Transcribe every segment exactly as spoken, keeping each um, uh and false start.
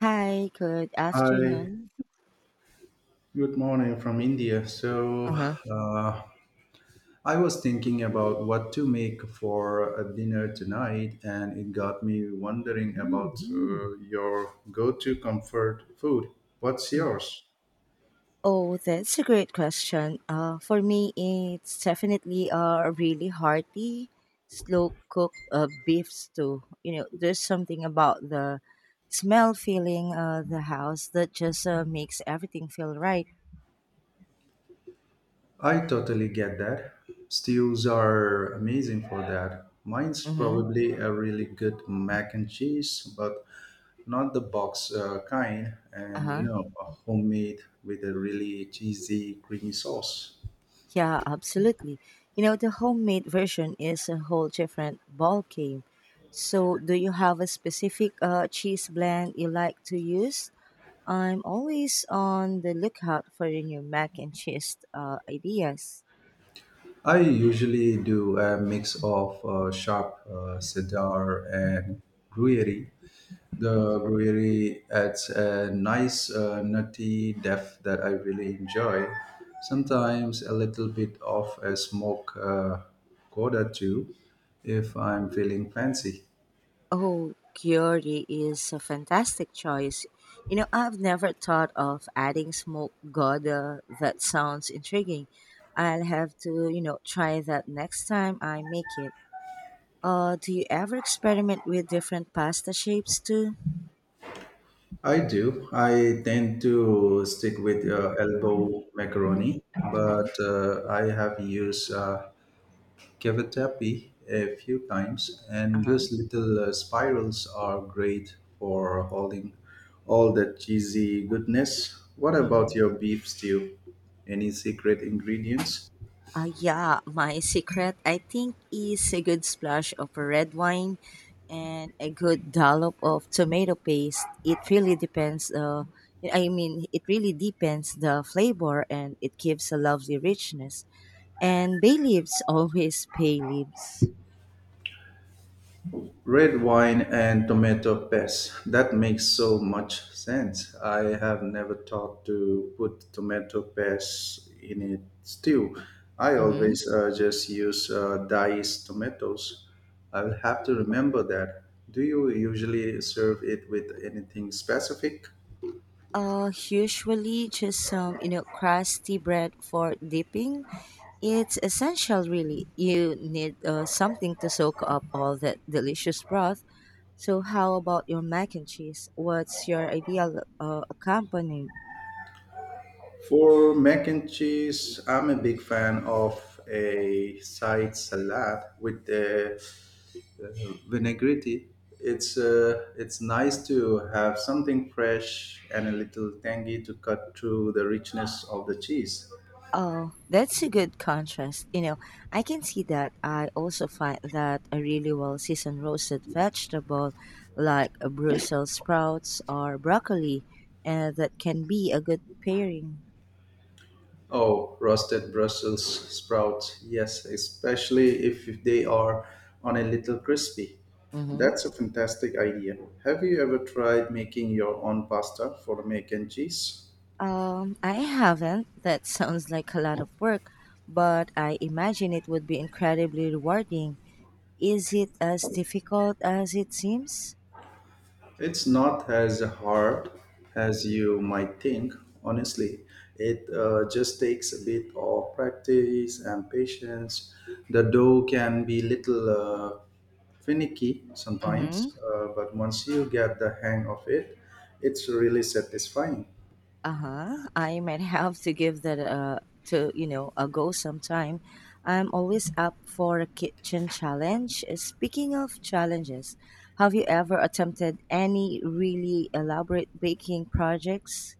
Hi, good Hi, afternoon. good morning from India. So, uh, I was thinking about what to make for a dinner tonight, and it got me wondering about uh, your go to comfort food. What's yours? Oh, that's a great question. Uh, for me, it's definitely a really hearty, slow cooked uh, beef stew. You know, there's something about the smell filling uh, the house that just uh, makes everything feel right. I totally get that. Stews are amazing for that. Mine's Mm-hmm. probably a really good mac and cheese, but not the box uh, kind, and you Uh-huh. know, a homemade with a really cheesy, creamy sauce. Yeah, absolutely. You know, the homemade version is a whole different ball game. So, do you have a specific uh, cheese blend you like to use? I'm always on the lookout for the new mac and cheese uh, ideas. I usually do a mix of uh, sharp uh, cedar and gruyere. The gruyere adds a nice uh, nutty depth that I really enjoy. Sometimes a little bit of a smoke uh, coda too, if I'm feeling fancy. Oh, Chiori is a fantastic choice. You know, I've never thought of adding smoked Gouda. That sounds intriguing. I'll have to, you know, try that next time I make it. Uh, do you ever experiment with different pasta shapes too? I do. I tend to stick with uh, elbow macaroni, Mm-hmm. but uh, I have used uh, cavatappi a few times, and Uh-huh. those little uh, spirals are great for holding all that cheesy goodness. What Mm-hmm. about your beef stew? Any secret ingredients? Uh, yeah, my secret, I think, is a good splash of red wine and a good dollop of tomato paste. It really depends. Uh, I mean, it really depends the flavor, and it gives a lovely richness. And bay leaves always bay leaves. Red wine and tomato paste. That makes so much sense. I have never thought to put tomato paste in a stew. I Hmm. always uh, just use uh, diced tomatoes. I'll have to remember that. Do you usually serve it with anything specific? Uh, usually just some, you know, crusty bread for dipping. It's essential, really. You need uh, something to soak up all that delicious broth. So, how about your mac and cheese? What's your ideal uh, accompaniment? For mac and cheese, I'm a big fan of a side salad with the uh, vinaigrette. It's uh, it's nice to have something fresh and a little tangy to cut through the richness of the cheese. Oh, that's a good contrast. You know, I can see that. I also find that a really well seasoned roasted vegetable like a Brussels sprouts or broccoli, uh, that can be a good pairing. Oh, roasted Brussels sprouts, yes, especially if they are on a little crispy. Mhm. That's a fantastic idea. Have you ever tried making your own pasta for mac and cheese? Um, I haven't. That sounds like a lot of work, but I imagine it would be incredibly rewarding. Is it as difficult as it seems? It's not as hard as you might think, honestly. It uh, just takes a bit of practice and patience. The dough can be little uh, finicky Mm-hmm. sometimes, uh, but once you get the hang of it, it's really satisfying. Uh-huh. I might have to give that uh to you know a go sometime. I'm always up for a kitchen challenge. Uh, Speaking of challenges, have you ever attempted any really elaborate baking projects?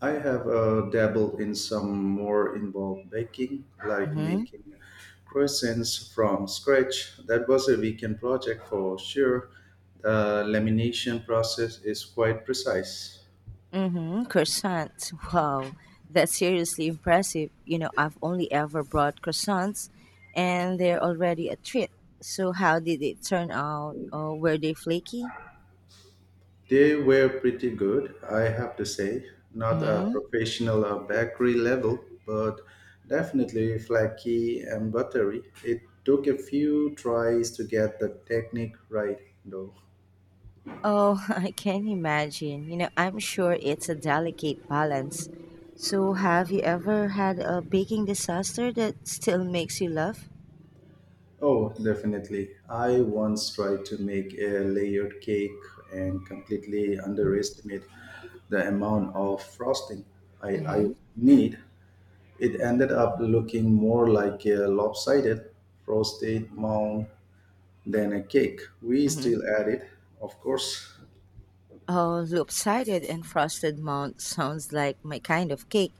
I have uh, dabbled in some more involved baking, like Mm-hmm. making croissants from scratch. That was a weekend project for sure. The lamination process is quite precise. Mm-hmm. Croissants. Wow, that's seriously impressive. You know, I've only ever brought croissants, and they're already a treat. So, how did it turn out? Oh, were they flaky? They were pretty good, I have to say. Not a Mm-hmm. professional or bakery level, but definitely flaky and buttery. It took a few tries to get the technique right, though. Oh, I can imagine. You know, I'm sure it's a delicate balance. So, have you ever had a baking disaster that still makes you laugh? Oh, definitely. I once tried to make a layered cake and completely underestimate the amount of frosting I, I Mm-hmm. need. It ended up looking more like a lopsided frosted mound than a cake. We Mm-hmm. still add it, of course. Oh, lopsided and frosted mount sounds like my kind of cake.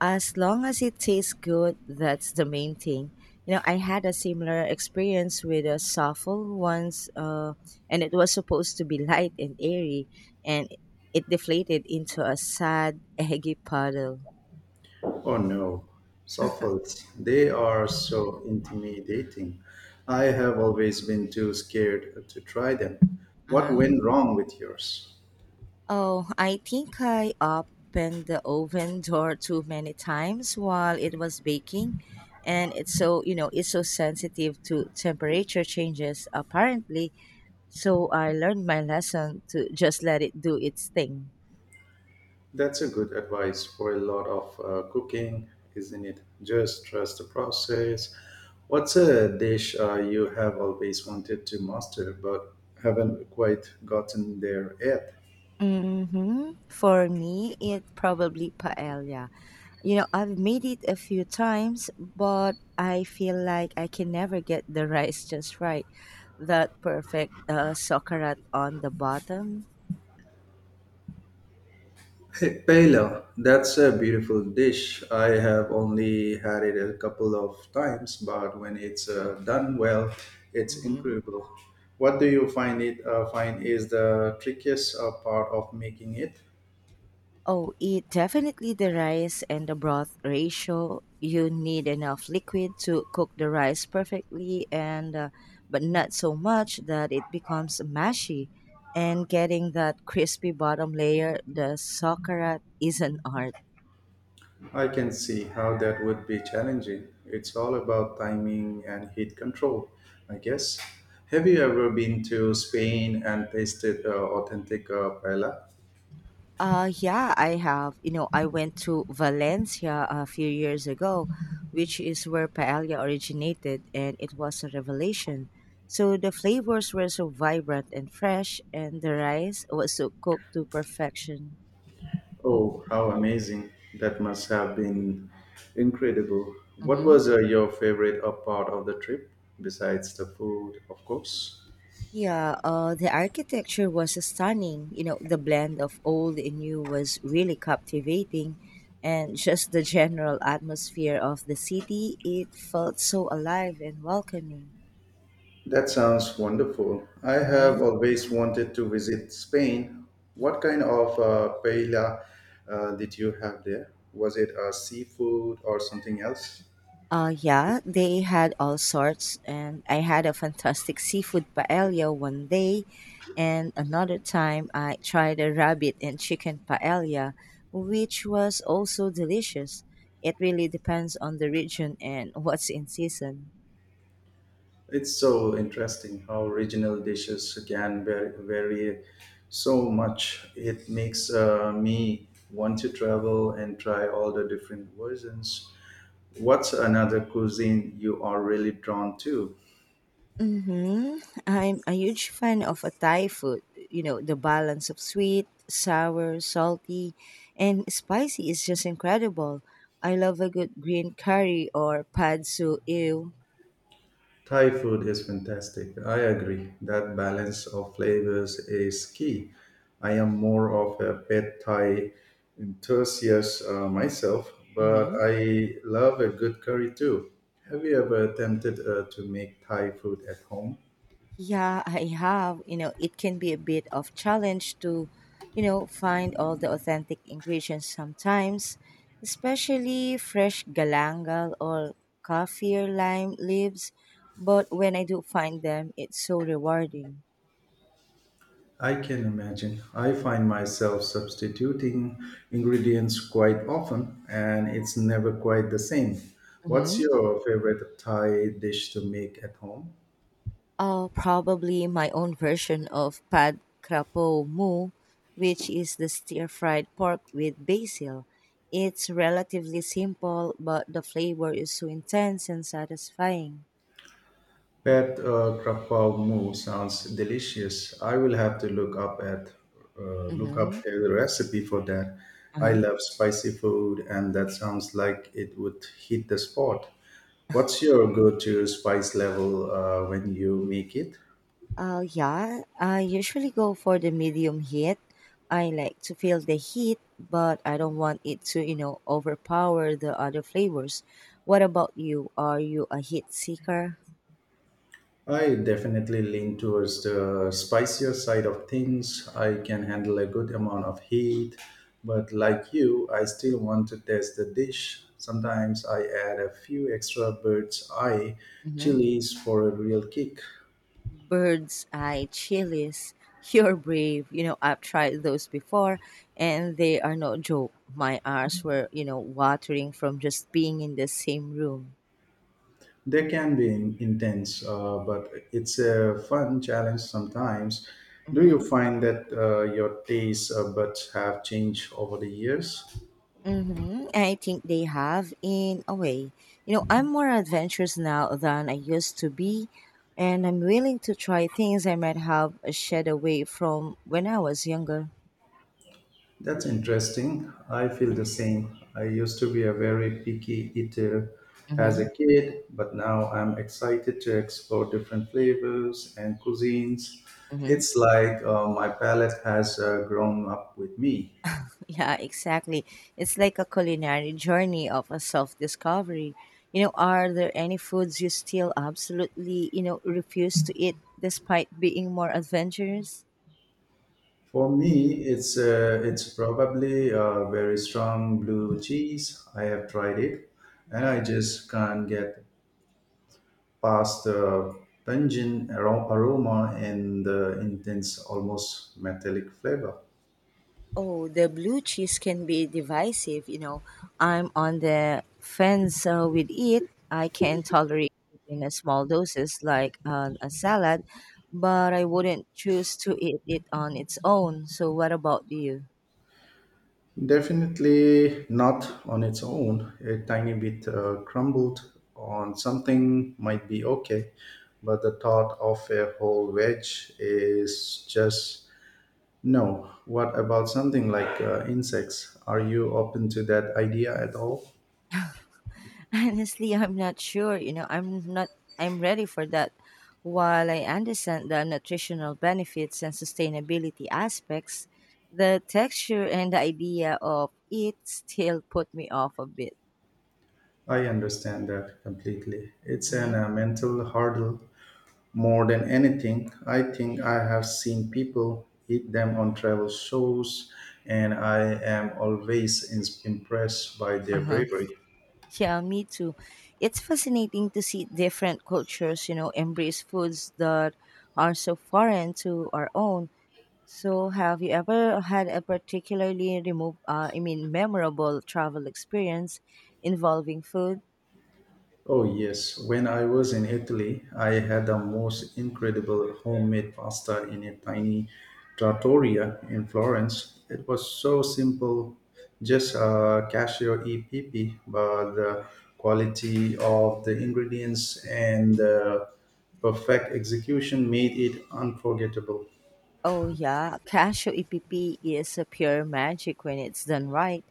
As long as it tastes good, that's the main thing. You know, I had a similar experience with a souffle once, uh, and it was supposed to be light and airy, and it deflated into a sad, eggy puddle. Oh no, Soffles, they are so intimidating. I have always been too scared to try them. What Uh-huh. went wrong with yours? Oh, I think I opened the oven door too many times while it was baking. And it's so, you know, it's so sensitive to temperature changes, apparently. So I learned my lesson to just let it do its thing. That's a good advice for a lot of uh, cooking, isn't it? Just trust the process. What's a dish uh, you have always wanted to master but haven't quite gotten there yet? Mm-hmm. For me, it probably paella. You know, I've made it a few times, but I feel like I can never get the rice just right. That perfect uh, socarat on the bottom. Hey, paella, that's a beautiful dish. I have only had it a couple of times, but when it's uh, done well, it's Hmm. incredible. What do you find it uh, find is the trickiest uh, part of making it? Oh, it definitely the rice and the broth ratio. You need enough liquid to cook the rice perfectly and uh, but not so much that it becomes mashy and getting that crispy bottom layer the sakara is an art. I can see how that would be challenging. It's all about timing and heat control, I guess. Have you ever been to Spain and tasted uh, authentic uh, paella? Uh, yeah, I have. You know, I went to Valencia a few years ago, which is where paella originated, and it was a revelation. So the flavors were so vibrant and fresh, and the rice was so cooked to perfection. Oh, how amazing! That must have been incredible. What Hmm. was uh, your favorite uh, part of the trip, besides the food, of course? Yeah, uh, the architecture was stunning. You know, the blend of old and new was really captivating, and just the general atmosphere of the city, it felt so alive and welcoming. That sounds wonderful. I have Hmm. always wanted to visit Spain. What kind of uh, paella uh, did you have there? Was it uh, seafood or something else? Uh, yeah, they had all sorts, and I had a fantastic seafood paella one day, and another time I tried a rabbit and chicken paella, which was also delicious. It really depends on the region and what's in season. It's so interesting how regional dishes can vary, vary so much. It makes uh, me want to travel and try all the different versions. What's another cuisine you are really drawn to? Mm-hmm. I'm a huge fan of a Thai food. You know, the balance of sweet, sour, salty, and spicy is just incredible. I love a good green curry or pad sue ew. Thai food is fantastic. I agree. That balance of flavors is key. I am more of a pet Thai enthusiast uh, myself, but Hmm. I love a good curry too. Have you ever attempted uh, to make Thai food at home? Yeah, I have. You know, it can be a bit of challenge to, you know, find all the authentic ingredients sometimes, especially fresh galangal or kaffir lime leaves. But when I do find them, it's so rewarding. I can imagine. I find myself substituting ingredients quite often, and it's never quite the same. What's your favorite Thai dish to make at home? Uh, probably my own version of pad krapow mu, which is the stir-fried pork with basil. It's relatively simple, but the flavor is so intense and satisfying. Pet uh, krapow moo sounds delicious. I will have to look up at uh, look up Mm-hmm. a recipe for that. I Uh-huh. love spicy food, and that sounds like it would hit the spot. What's your go-to spice level uh, when you make it? Uh, yeah, I usually go for the medium heat. I like to feel the heat, but I don't want it to, you know, overpower the other flavors. What about you? Are you a heat seeker? I definitely lean towards the spicier side of things. I can handle a good amount of heat, but like you, I still want to test the dish. Sometimes I add a few extra bird's eye Mm-hmm. chilies for a real kick. Bird's eye chilies. You're brave. You know, I've tried those before and they are no joke. My eyes were, you know, watering from just being in the same room. They can be in- intense, uh, but it's a fun challenge sometimes. Do you Mm-hmm. find that uh, your taste uh, buds have changed over the years? Mm-hmm. I think they have in a way. You know, I'm more adventurous now than I used to be, and I'm willing to try things I might have shied away from when I was younger. That's interesting. I feel the same. I used to be a very picky eater as Mm-hmm. a kid, but now I'm excited to explore different flavors and cuisines. It's like uh, my palate has uh, grown up with me. Yeah, exactly. It's like a culinary journey of a self-discovery. You know, are there any foods you still absolutely, you know, refuse to eat despite being more adventurous? For me, it's uh, it's probably a very strong blue cheese. I have tried it, and I Hmm. just can't get past the pungent aro- aroma and the intense, almost metallic flavor. Oh, the blue cheese can be divisive, you know. I'm on the fence uh, with it. I can tolerate it in a small doses like on a salad, but I wouldn't choose to eat it on its own. So what about you? Definitely not on its own. A tiny bit uh, crumbled on something might be okay, but the thought of a whole wedge is just no. What about something like uh, insects? Are you open to that idea at all? Honestly, I'm not sure. You know, I'm not I'm ready for that. While I understand the nutritional benefits and sustainability aspects, the texture and the idea of it still put me off a bit. I understand that completely. It's an Hmm. uh, mental hurdle more than anything. I think I have seen people eat them on travel shows, and I am always ins- impressed by their Uh-huh. bravery. Yeah, me too. It's fascinating to see different cultures, you know, embrace foods that are so foreign to our own. So, have you ever had a particularly remove, uh, I mean, memorable travel experience involving food? Oh, yes. When I was in Italy, I had the most incredible homemade pasta in a tiny trattoria in Florence. It was so simple, just a cashew E P P, but the quality of the ingredients and the perfect execution made it unforgettable. Oh yeah, cashew E P P is a pure magic when it's done right.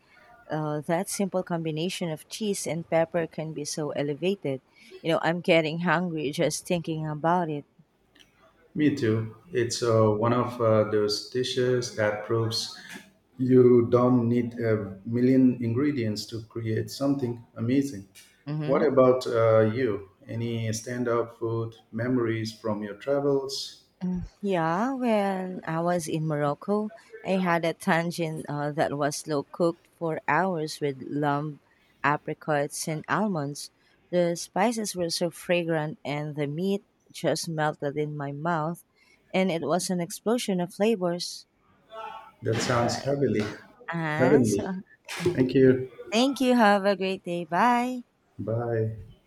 Uh, that simple combination of cheese and pepper can be so elevated. You know, I'm getting hungry just thinking about it. Me too. It's uh, one of uh, those dishes that proves you don't need a million ingredients to create something amazing. What Hmm. about uh, you? Any stand-up food memories from your travels? Yeah, when I was in Morocco, I had a tangine uh, that was slow cooked for hours with lamb, apricots, and almonds. The spices were so fragrant, and the meat just melted in my mouth, and it was an explosion of flavors. That So, sounds I- heavily ah, so, heavenly. mhm. Thank you. Thank you. Have a great day. Bye. Bye.